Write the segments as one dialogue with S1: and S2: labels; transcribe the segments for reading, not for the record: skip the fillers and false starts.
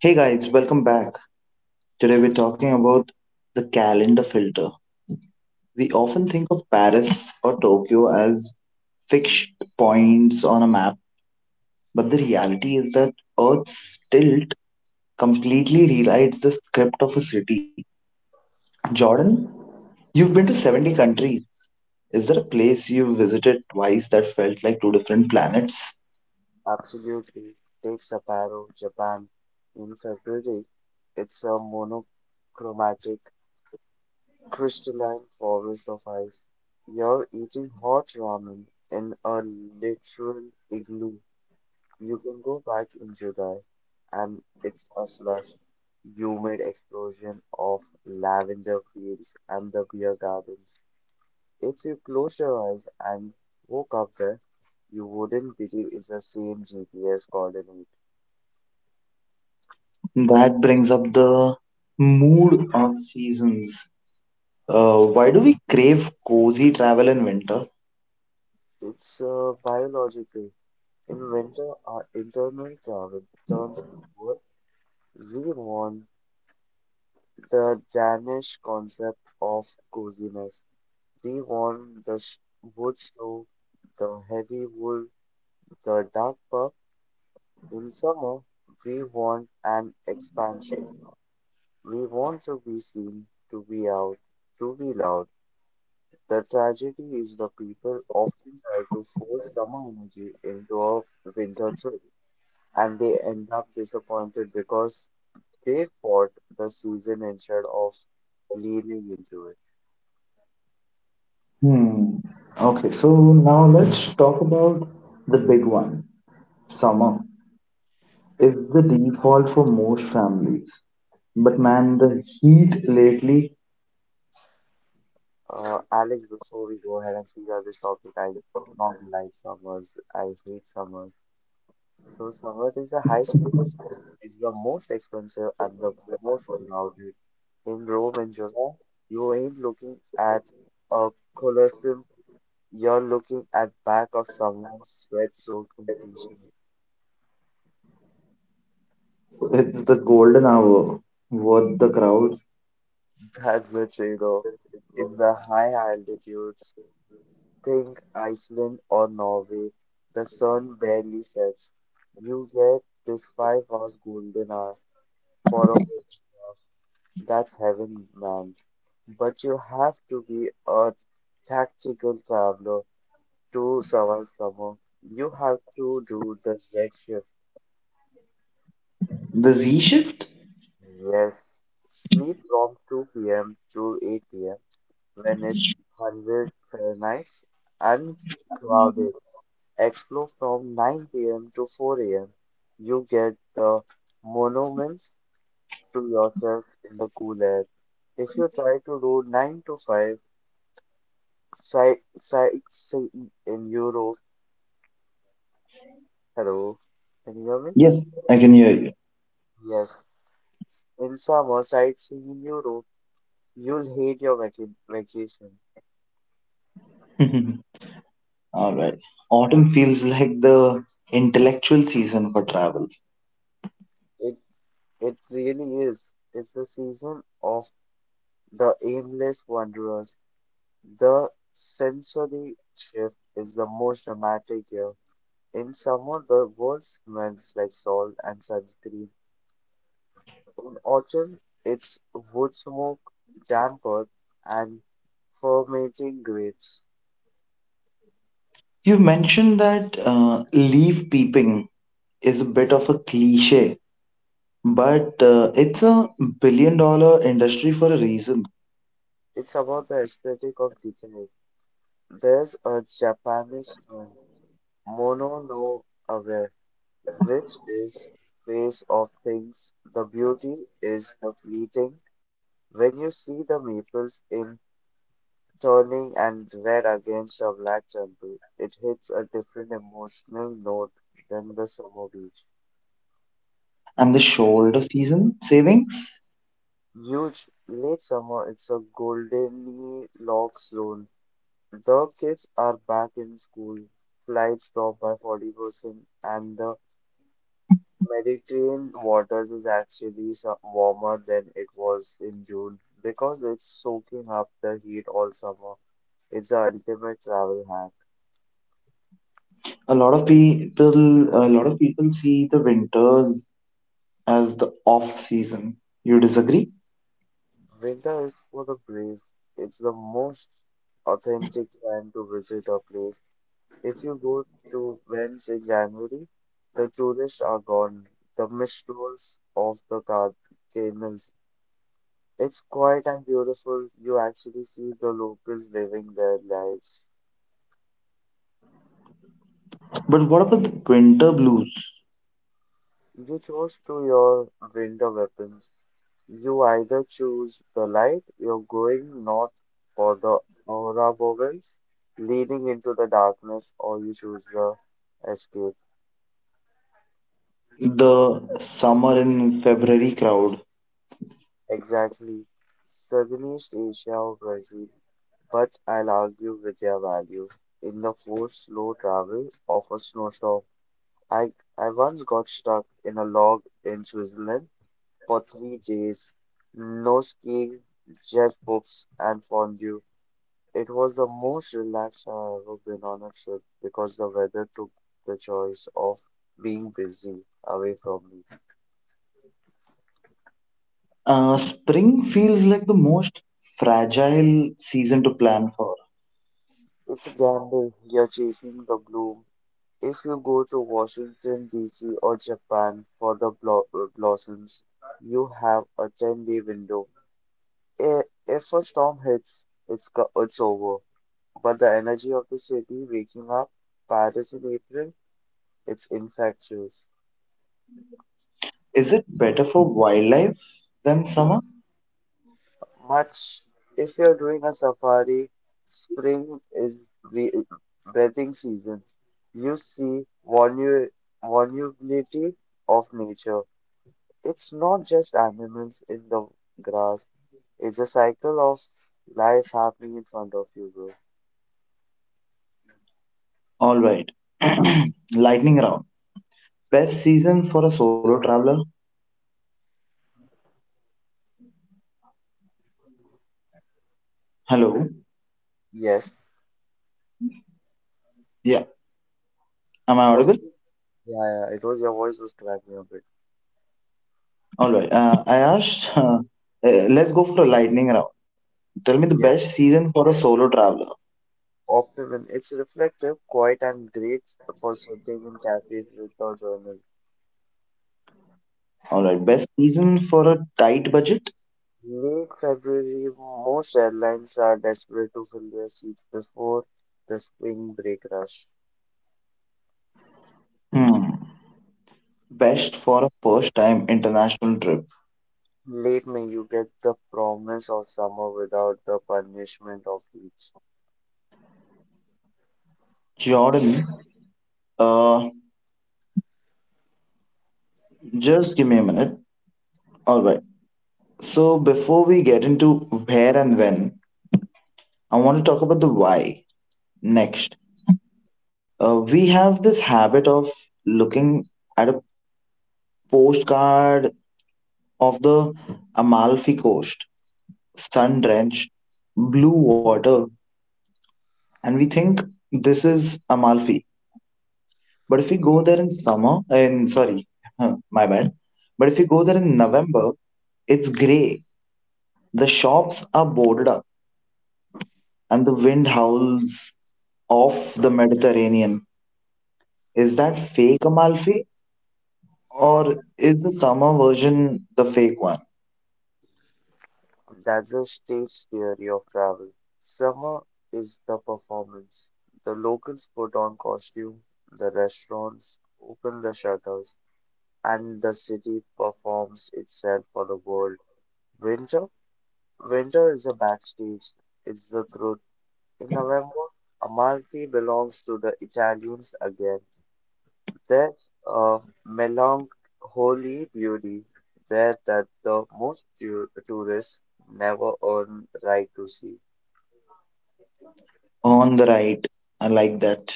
S1: Hey guys, welcome back. Today we're talking about the calendar filter. We often think of Paris or Tokyo as fixed points on a map, but the reality is that Earth's tilt completely rewrites the script of a city. Jordan, you've been to 70 countries. Is there a place you visited twice that felt like two different planets?
S2: Absolutely. Take Sapporo, Japan. In February, it's a monochromatic crystalline forest of ice. You're eating hot ramen in a literal igloo. You can go back in July, and it's a slush, humid explosion of lavender fields and the beer gardens. If you close your eyes and woke up there, you wouldn't believe it's the same GPS coordinates.
S1: That brings up the mood of seasons. Why do we crave cozy travel in winter?
S2: It's biological. In winter, our internal climate turns inward. We want the Danish concept of coziness. We want the s- Wood stove, the heavy wool, the dark pub. In summer, we want an expansion. We want to be seen, to be out, to be loud. The tragedy is the people often try to force summer energy into a winter trip, and they end up disappointed because they fought the season instead of leaning into it.
S1: Hmm. Okay, so now let's talk about the big one. Summer is the default for most families. But man, the heat lately,
S2: Alex, before we go ahead and speak on this topic, I don't like summers. I hate summers. So summer is a high stakes. It's the most expensive and the most crowded. In Rome in July, you ain't looking at a Colosseum. You're looking at back of someone's sweatsuit competition.
S1: it's the golden hour. What the crowd?
S2: That's the trade-off. In the high altitudes, think Iceland or Norway, the sun barely sets. You get this 5 hours golden hour for a photograph. That's heaven, man. But you have to be a tactical traveler to survive summer. You have to do the Z shift.
S1: The Z shift?
S2: Yes, sleep from 2 p.m. to 8 p.m. when it's 100 Fahrenheit and crowded. Explore from 9 p.m. to 4 am. You get the monuments to yourself in the cool air. If you try to do 9 to 5 sightseeing in Europe, hello, can you hear me?
S1: Yes, I can hear
S2: Yes, in summer sightseeing in Europe, you'll hate your vacation.
S1: you. All right. Autumn feels like the intellectual season for travel.
S2: It it really is. It's the season of the aimless wanderers. The sensory shift is the most dramatic here. In summer, the world smells like salt and sunscreen. In autumn, it's wood smoke, damper, and fermenting grapes.
S1: You mentioned that leaf peeping is a bit of a cliche, but it's a billion dollar industry for a reason.
S2: It's about the aesthetic of decay. There's a Japanese term, mono no aware, which is face of things. The beauty is the fleeting. When you see the maples in turning and red against a black temple, it hits a different emotional note than the summer beach.
S1: And the shoulder season savings,
S2: Huge late summer, it's a goldenly lock zone. The kids are back in school. Flights drop by 40%, and the Mediterranean waters is actually warmer than it was in June because it's soaking up the heat all summer. It's the ultimate travel hack.
S1: a lot of people see the winters as the off season. You disagree?
S2: Winter is for the brave. It's the most authentic time to visit a place. If you go to Venice in January, the tourists are gone. The mist rolls off the canals. It's quiet and beautiful. You actually see the locals living their lives.
S1: But what about the winter blues?
S2: You chose to your winter weapons. You either choose the light, you're going north for the Ouroboros, leading into the darkness, or you choose the escape.
S1: The summer in February crowd.
S2: Exactly. Southeast Asia or Brazil, but I'll argue with their value in the forced slow travel of a snowstorm. I, I once got stuck in a log in Switzerland for 3 days. No skiing, just books and fondue. It was the most relaxed I've ever been on a trip because the weather took the choice of being busy away from me.
S1: Spring feels like the most fragile season to plan for.
S2: It's a gamble. You're chasing the bloom. If you go to Washington, D.C. or Japan for the blossoms, you have a 10-day window. If a storm hits, it's over. But the energy of the city waking up, Paris in April, it's infectious.
S1: Is it better for wildlife than summer?
S2: Much if you're doing a safari, spring is bre- breathing season. You see vulnerability of nature. It's not just animals in the grass, it's a cycle of life happening in front of you, bro.
S1: All right. Lightning round. Best season for a solo traveler. Hello.
S2: Yes.
S1: Yeah. Am I
S2: What?
S1: audible?
S2: Yeah, yeah, it was your voice was cracking a bit.
S1: All right. I asked. Let's go for a lightning round. Tell me the
S2: Yeah,
S1: best season for a solo traveler.
S2: optimum. It's reflective, quiet, and great for sitting in cafes without journal.
S1: All right. Best season for a tight budget.
S2: Late February most airlines are desperate to fill their seats before the spring break rush.
S1: Hmm. Best for a first time international trip.
S2: Late May, you get the promise of summer without the punishment of heat.
S1: Jordan. Uh, just give me a minute. All right. So before we get into where and when, I want to talk about the why next. We have this habit of looking at a postcard of the Amalfi Coast, sun drenched, blue water, and we think this is Amalfi. But if we go there in summer, in sorry, my bad. But if we go there in November, it's grey. The shops are boarded up, and the wind howls off the Mediterranean. Is that fake Amalfi,
S2: Th-
S1: or is the summer version the fake one?
S2: That's the state's theory of travel. Summer is the performance. The locals put on costume, the restaurants open the shutters, and the city performs itself for the world. Winter? Winter is a backstage. It's the truth. In November, Amalfi belongs to the Italians again. Their uh, melancholy beauty there that the most tourists never earn the right to see.
S1: On the right, I like that.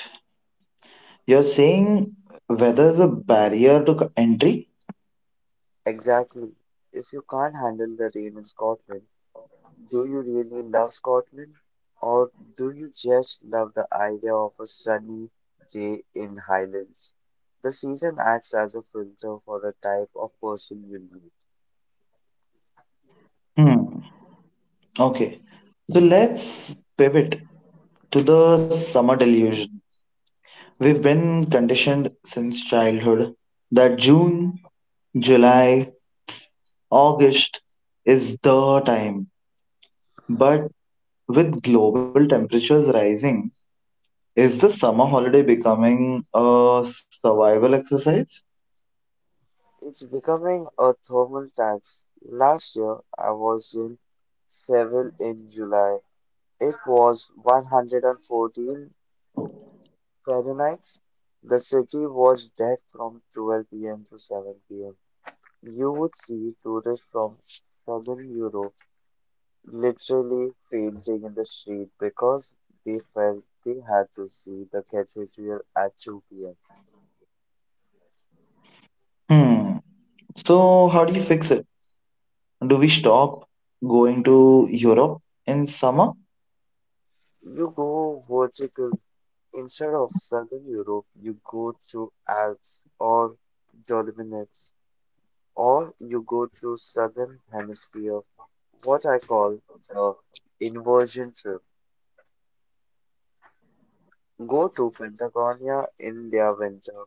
S1: You're saying whether the barrier to entry?
S2: Exactly. If you can't handle the rain in Scotland, do you really love Scotland? Or do you just love the idea of a sunny day in Highlands? The season acts as a filter for the type of person you meet.
S1: Hmm. Okay. So let's pivot to the summer delusion. We've been conditioned since childhood that June, July, August is the time. But with global temperatures rising, is the summer holiday becoming a survival exercise?
S2: It's becoming a thermal tax. Last year, I was in Seville in July. It was 114 Fahrenheit. The city was dead from 12 p.m. to 7 pm. You would see tourists from southern Europe literally fainting in the street because they felt they had to see the cathedral at 2 pm.
S1: Hmm. So, how do you fix it? Do we stop going to Europe in summer?
S2: You go vertical. Instead of Southern Europe, you go to Alps or Dolomites, or you go to Southern Hemisphere, what I call the inversion trip. Go to Patagonia in their winter.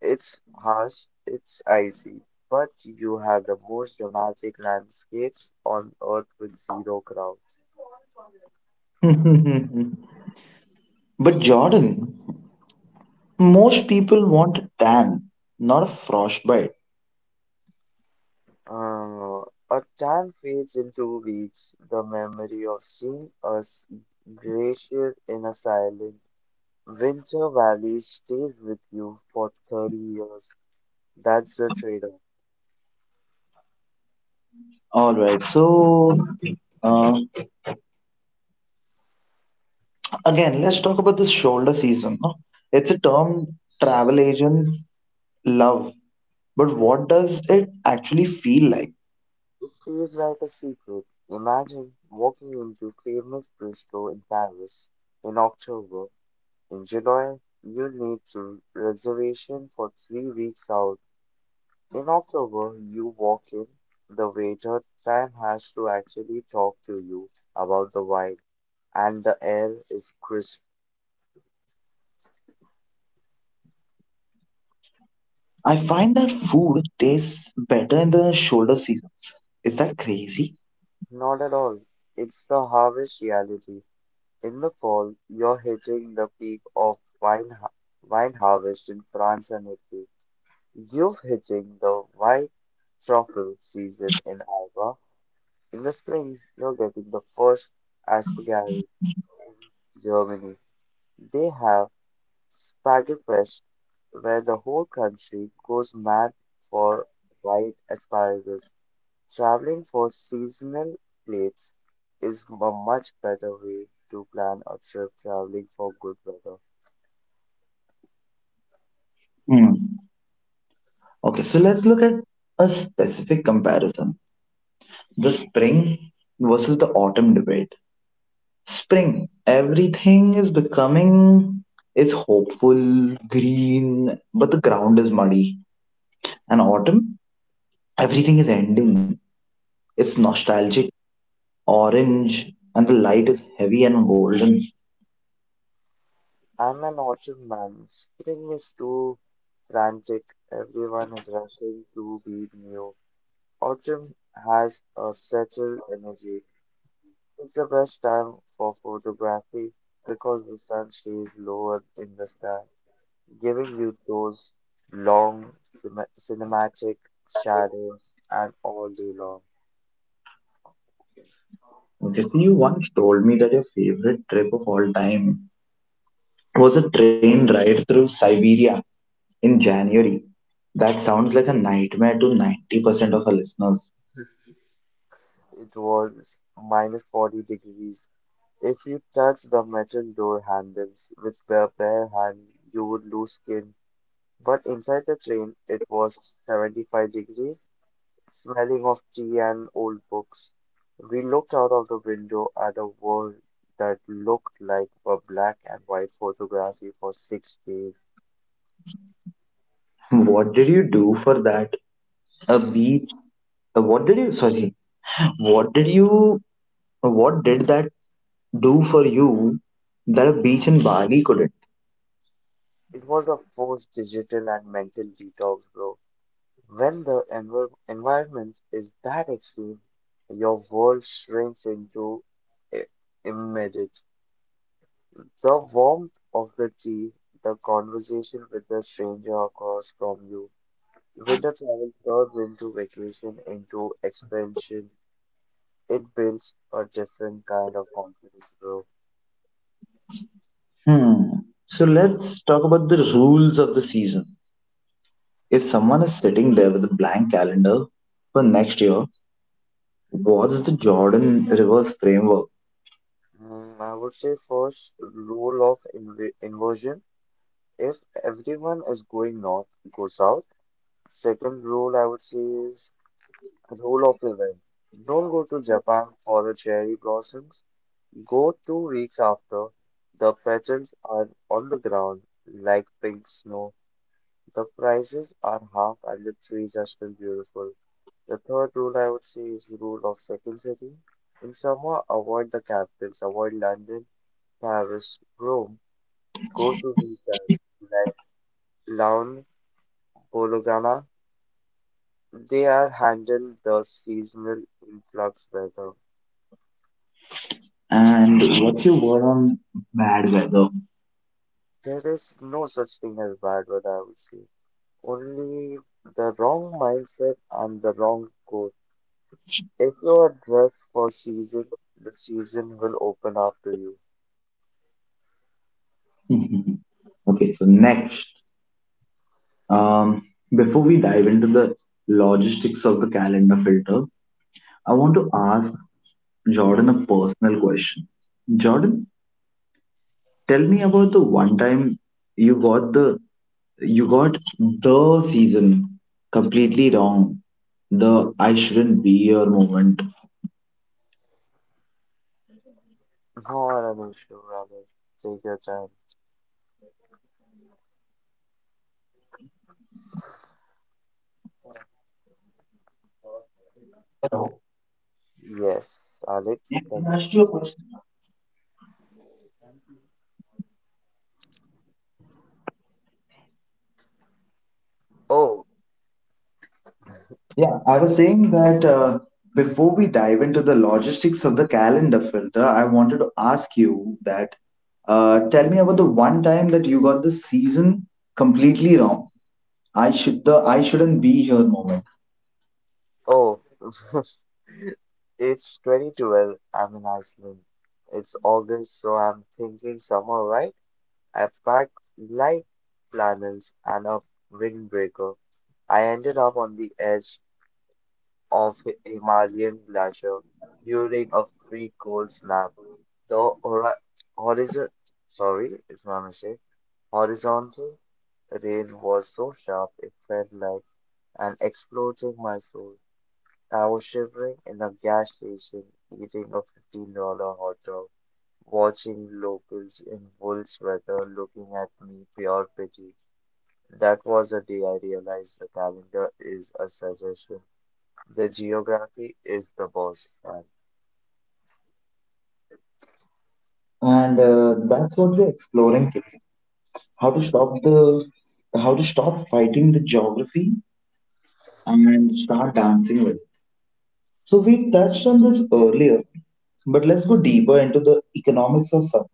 S2: It's harsh, it's icy, but you have the most dramatic landscapes on Earth with zero crowds.
S1: But Jordan, most people want a tan, not a frostbite.
S2: Uh, a time fades into weeks, the memory of seeing us glacier in a silent winter valley stays with you for 30 years. That's the trade-off.
S1: All right, so uh, again, let's talk about this shoulder season. No? It's a term travel agents love, but what does it actually feel like?
S2: It feels like a secret. Imagine walking into famous Bistro in Paris in October. In July, you need to reservation for 3 weeks out. In October, you walk in, the waiter time has to actually talk to you about the wine, and the air is crisp.
S1: I find that food tastes better in the shoulder seasons. Is that crazy?
S2: Not at all. It's the harvest reality. In the fall, you're hitting the peak of wine harvest in France and Italy. You're hitting the white truffle season in Alba. In the spring, you're getting the first asparagus in Germany. They have Spiderfest, where the whole country goes mad for white asparagus. Traveling for seasonal plates is a much better way to plan a trip traveling for good weather.
S1: Okay, so let's look at a specific comparison: the spring versus the autumn debate. Spring, everything is becoming is hopeful, green, but the ground is muddy. And autumn, everything is ending. It's nostalgic, orange, and the light is heavy and golden.
S2: I'm an autumn man. Spring is too frantic. Everyone is rushing to be new. Autumn has a settled energy. It's the best time for photography because the sun stays lower in the sky, giving you those long cinematic shadows and all day long.
S1: Okay, so you once told me that your favorite trip of all time was a train ride through Siberia in January. That sounds like a nightmare to 90% of our listeners.
S2: It was minus 40 degrees. If you touched the metal door handles with your bare hand, you would lose skin. But inside the train, it was 75 degrees, smelling of tea and old books. We looked out of the window at a world that looked like a black and white photography for 6 days.
S1: What did you do for that? A beach? What did you, sorry, what did you, what did that do for you that a beach in Bali couldn't?
S2: It was a forced digital and mental detox, bro. When the environment is that extreme, your world shrinks into i- immediate. The warmth of the tea, the conversation with the stranger across from you, winter travel turns into vacation, into expansion. It builds a different kind of confidence, bro.
S1: Hmm. So let's talk about the rules of the season. If someone is sitting there with a blank calendar for next year, what's the Jordan Rivers framework?
S2: Mm, I would say first rule of inversion. If everyone is going north, go south. Second rule I would say is rule of 11. Don't go to Japan for the cherry blossoms. Go 2 weeks after. The petals are on the ground like pink snow. The prices are half and the trees are still beautiful. The third rule I would say is the rule of second city. In summer, avoid the capitals, avoid London, Paris, Rome. Go to these towns like Laon, Bologna. They are handle the seasonal influx better.
S1: And what's your word on bad weather?
S2: There is no such thing as bad weather, I would say. Only the wrong mindset and the wrong goal. If you are dressed for season, the season will open up to you.
S1: Okay, so next. Um, Before we dive into the logistics of the calendar filter, I want to ask Jordan a personal question. Jordan, tell me about the one time you got the season completely wrong. The I shouldn't be your moment.
S2: Not an issue, Ramesh. Take your time. Yes, Alex, can you? Oh,
S1: Yeah, I was saying that before we dive into the logistics of the calendar filter, I wanted to ask you that tell me about the one time that you got the season completely wrong. I shouldn't be here moment,
S2: oh. It's 2012. I'm in Iceland. It's August, so I'm thinking summer, right? I packed light flannels and a windbreaker. I ended up on the edge of a Himalayan glacier during a free cold snap. The horizon, sorry, it's my mistake. Horizontal rain was so sharp it felt like an explosion in my soul. I was shivering in a gas station, eating a $15 hot dog, watching locals in wool sweater looking at me pure pity. That was a day I realized the calendar is a suggestion. The geography is the boss. And
S1: and that's what we're exploring today. How to stop the how to stop fighting the geography and start dancing with it. So we touched on this earlier, but let's go deeper into the economics of supply.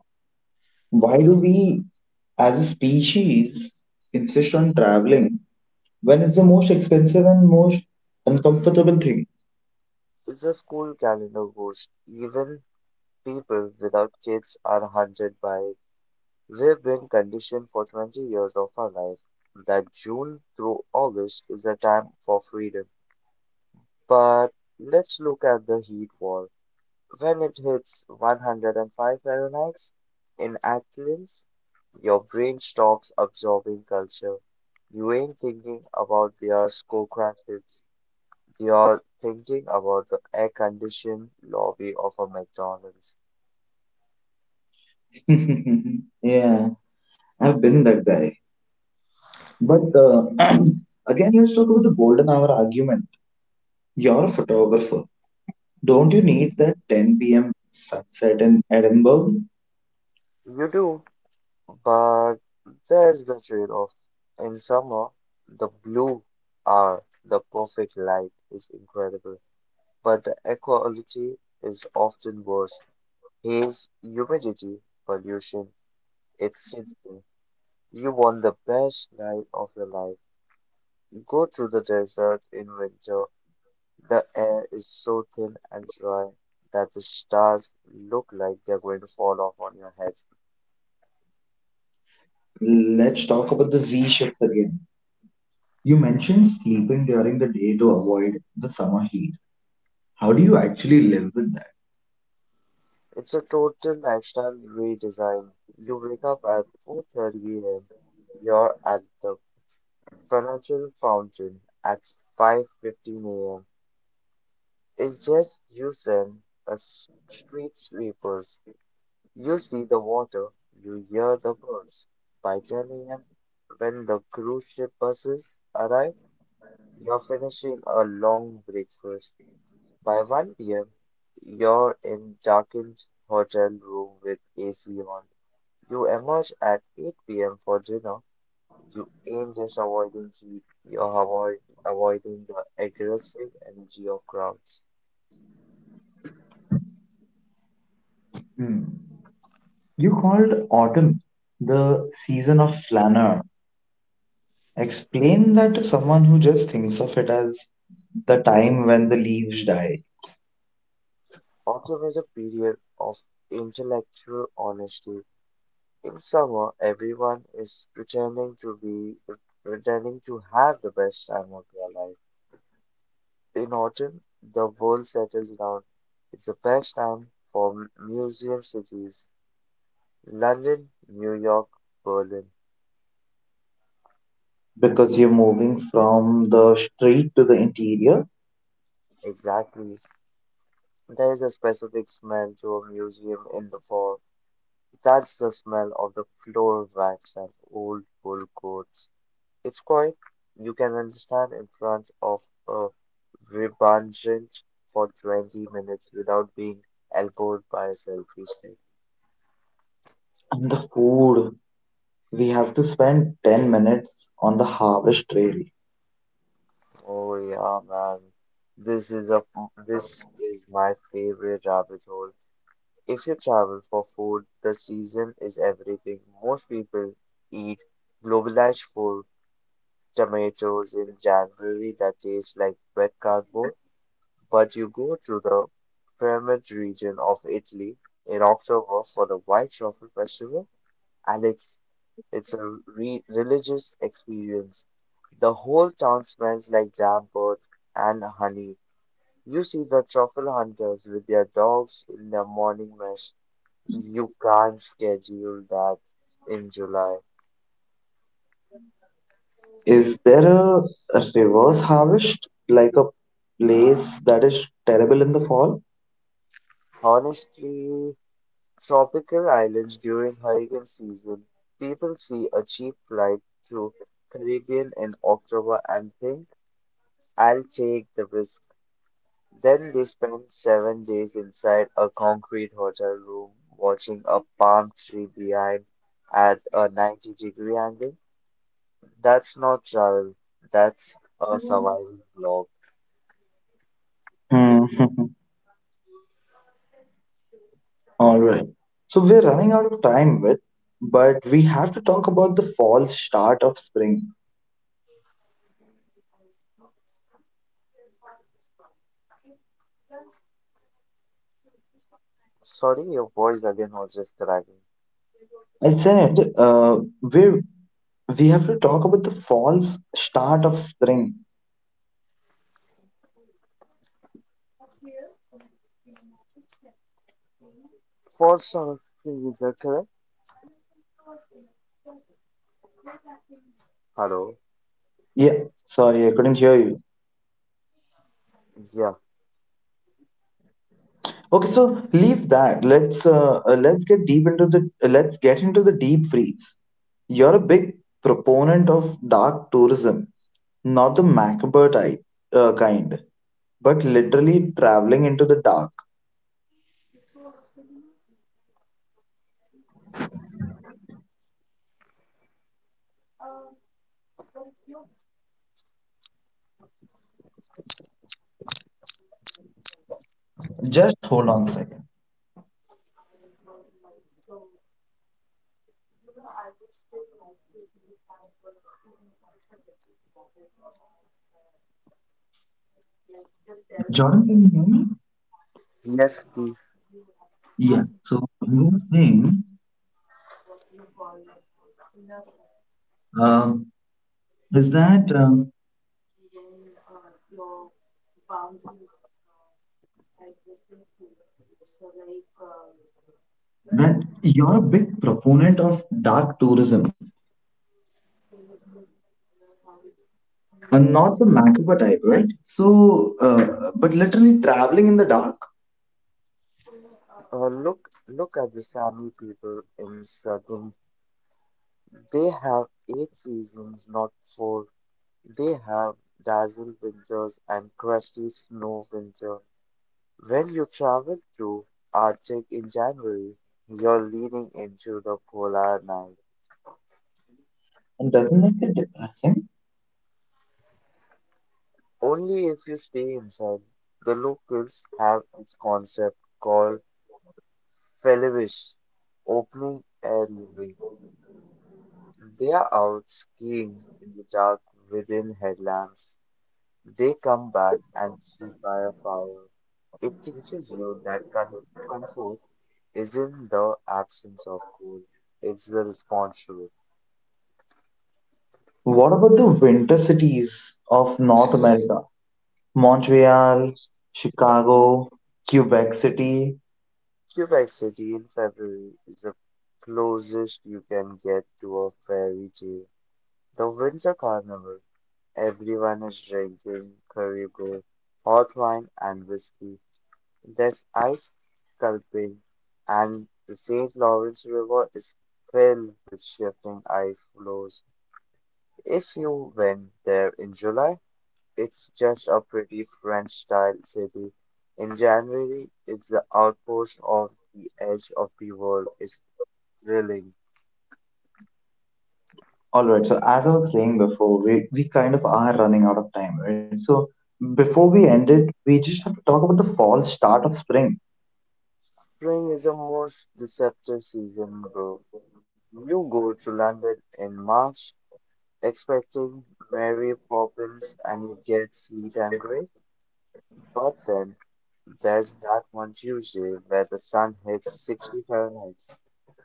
S1: Why do we, as a species, insist on traveling when it's the most expensive and most uncomfortable thing?
S2: if the school calendar goes, even people without kids are haunted by it. We've been conditioned for 20 years of our life that June through August is a time for freedom. But let's look at the heat war. When it hits 105 Fahrenheit in Athens, your brain stops absorbing culture. You ain't thinking about their skyscrapers. You're thinking about the air-conditioned lobby of a McDonald's.
S1: Yeah, I've been that guy. But again, let's talk about the golden hour argument. You're a photographer. Don't you need that 10 p.m. sunset in Edinburgh?
S2: You do, but there's the trade-off. In summer, the blue are the perfect light is incredible, but the equality is often worse. Haze, humidity pollution exhausting. You want the best night of your life. Go to the desert in winter. The air is so thin and dry that the stars look like they're going to fall off on your head.
S1: Let's talk about the Z shift again. You mentioned sleeping during the day to avoid the summer heat. How do you actually live with
S2: It's a total lifestyle redesign. You wake up at 4:30 a.m. You're at the financial fountain at 5:15 a.m. It's just you and a street sweeper. You see the water, you hear the birds. By 10 a.m., when the cruise ship buses arrive, you're finishing a long breakfast. By 1 p.m., you're in darkened hotel room with AC on. You emerge at 8 p.m. for dinner. You aim just avoiding heat. You're avoid, Avoiding the aggressive energy of crowds.
S1: that? You called autumn the season of flanner. Explain that to someone who just thinks of it as the time when the leaves die
S2: Autumn is a period of intellectual honesty. In summer, everyone is pretending to have the best time of their life. In autumn, the world settles down. It's the best time for museum cities. London, New York, Berlin.
S1: because you're moving from the street to the interior
S2: Exactly. There is a specific smell to a museum in the fall. That's the smell of the floor wax and old wool coats. It's quite you can understand in front of a Rebungent for 20 minutes without being elbowed by a selfie stick.
S1: and the food. We have to spend 10 minutes on the harvest trail.
S2: Oh yeah, man. This is a this is my favorite rabbit hole. If you travel for food, the season is everything. Most people eat globalized food, tomatoes in January that taste like wet cardboard. But you go to the Piedmont region of Italy in October for the White Truffle Festival, and it's a re religious experience. The whole town smells like damp earth and honey. You see the truffle hunters with their dogs in their morning mass. You can't schedule that in July.
S1: Is there a reverse harvest, like a place that is terrible in the fall?
S2: Honestly, tropical islands during hurricane season, people see a cheap flight to Caribbean in October and think, I'll take the risk. Then they spend 7 days inside a concrete hotel room watching a palm tree behind at a 90-degree angle. That's not travel, that's a survival blog.
S1: Hmm. All right. So we're running out of time with, but we have to talk about the false start of spring.
S2: Sorry, your voice again was just cracking.
S1: I said we have to talk about the false start of spring.
S2: For some reason, correct? Hello?
S1: Yeah, sorry, I couldn't hear you.
S2: Yeah.
S1: Okay, so leave that. Let's get into the deep freeze. You're a big proponent of dark tourism, not the macabre type kind, but literally traveling into the dark. Just hold on a second. Jordan, can you hear me?
S2: Yes, please.
S1: Yeah. So you were saying um, is that that you're a big proponent of dark tourism, and not the macabre type, right? So, but literally traveling in the dark,
S2: Look look at the Sami people in southern. They have eight seasons, not four. They have dazzle winters and crusty snow winter. When you travel to Arctic in January, you're leaning into the polar night.
S1: and doesn't that get depressing?
S2: Only if you stay inside. The locals have its concept called Felivish, opening air living. They are out skiing in the dark within headlamps. They come back and sit by a fire. It teaches you that comfort isn't the absence of cold, it's the response to it.
S1: What about the winter cities of North America? Montreal, Chicago, Quebec City.
S2: Quebec City in February is the closest you can get to a fairy tale. The Winter Carnival. Everyone is drinking caribou, hot wine, and whiskey. There's ice sculpting, and the St. Lawrence River is filled with shifting ice floes. If you went there in July, it's just a pretty French-style city. In January, it's the outpost of the edge of the world. It's thrilling.
S1: All right. So as I was saying before, we kind of are running out of time, right? So before we end it, we just have to talk about the false start of spring.
S2: Spring is the most deceptive season, bro. You go to London in March, expecting Mary Poppins, and you get Sweet and Grey. But then there's that one Tuesday where the sun hits 60 Fahrenheit.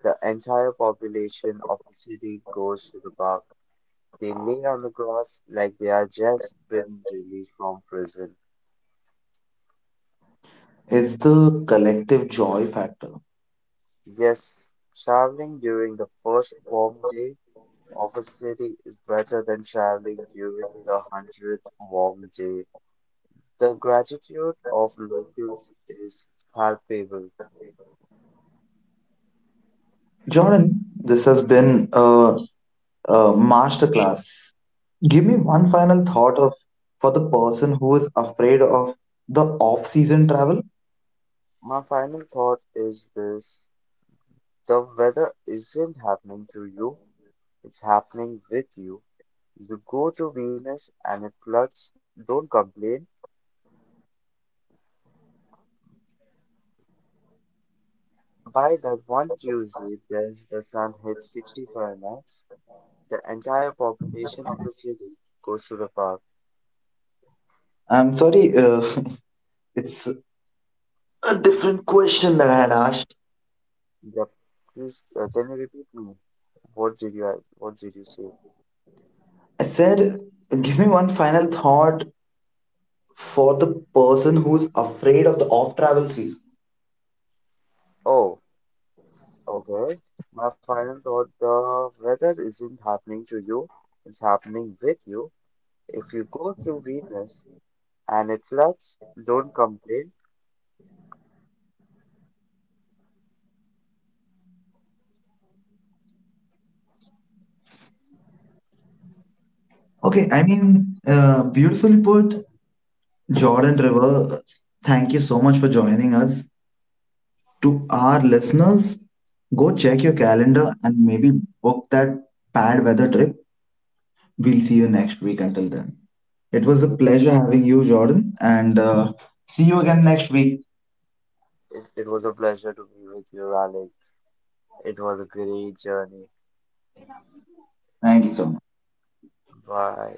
S2: The entire population of the city goes to the bar. They lay on the grass like they are just been released from prison.
S1: It's the collective joy factor.
S2: Yes, traveling during the first warm day of a city is better than traveling during the hundredth warm day. The gratitude of locals is palpable.
S1: Jordan, this has been a masterclass. Give me one final thought of for the person who is afraid of the off-season travel.
S2: My final thought is this. The weather isn't happening to you, it's happening with you. You go to Venus and it floods, don't complain. By that one Tuesday as the sun hits 65 max, the entire population of the city goes to the park.
S1: I'm sorry, it's a different question that I had asked.
S2: The, please, can you repeat me? What did you say?
S1: I said, give me one final thought for the person who's afraid of the off travel season.
S2: Oh, okay. My final thought, the weather isn't happening to you, it's happening with you. If you go through Venus and it floods, don't complain.
S1: Okay, I mean, beautifully put, Jordan River. Thank you so much for joining us. To our listeners, go check your calendar and maybe book that bad weather trip. We'll see you next week. Until then, it was a pleasure having you, Jordan, and see you again next week.
S2: It was a pleasure to be with you, Alex. It was a great journey.
S1: Thank you so much.
S2: Bye.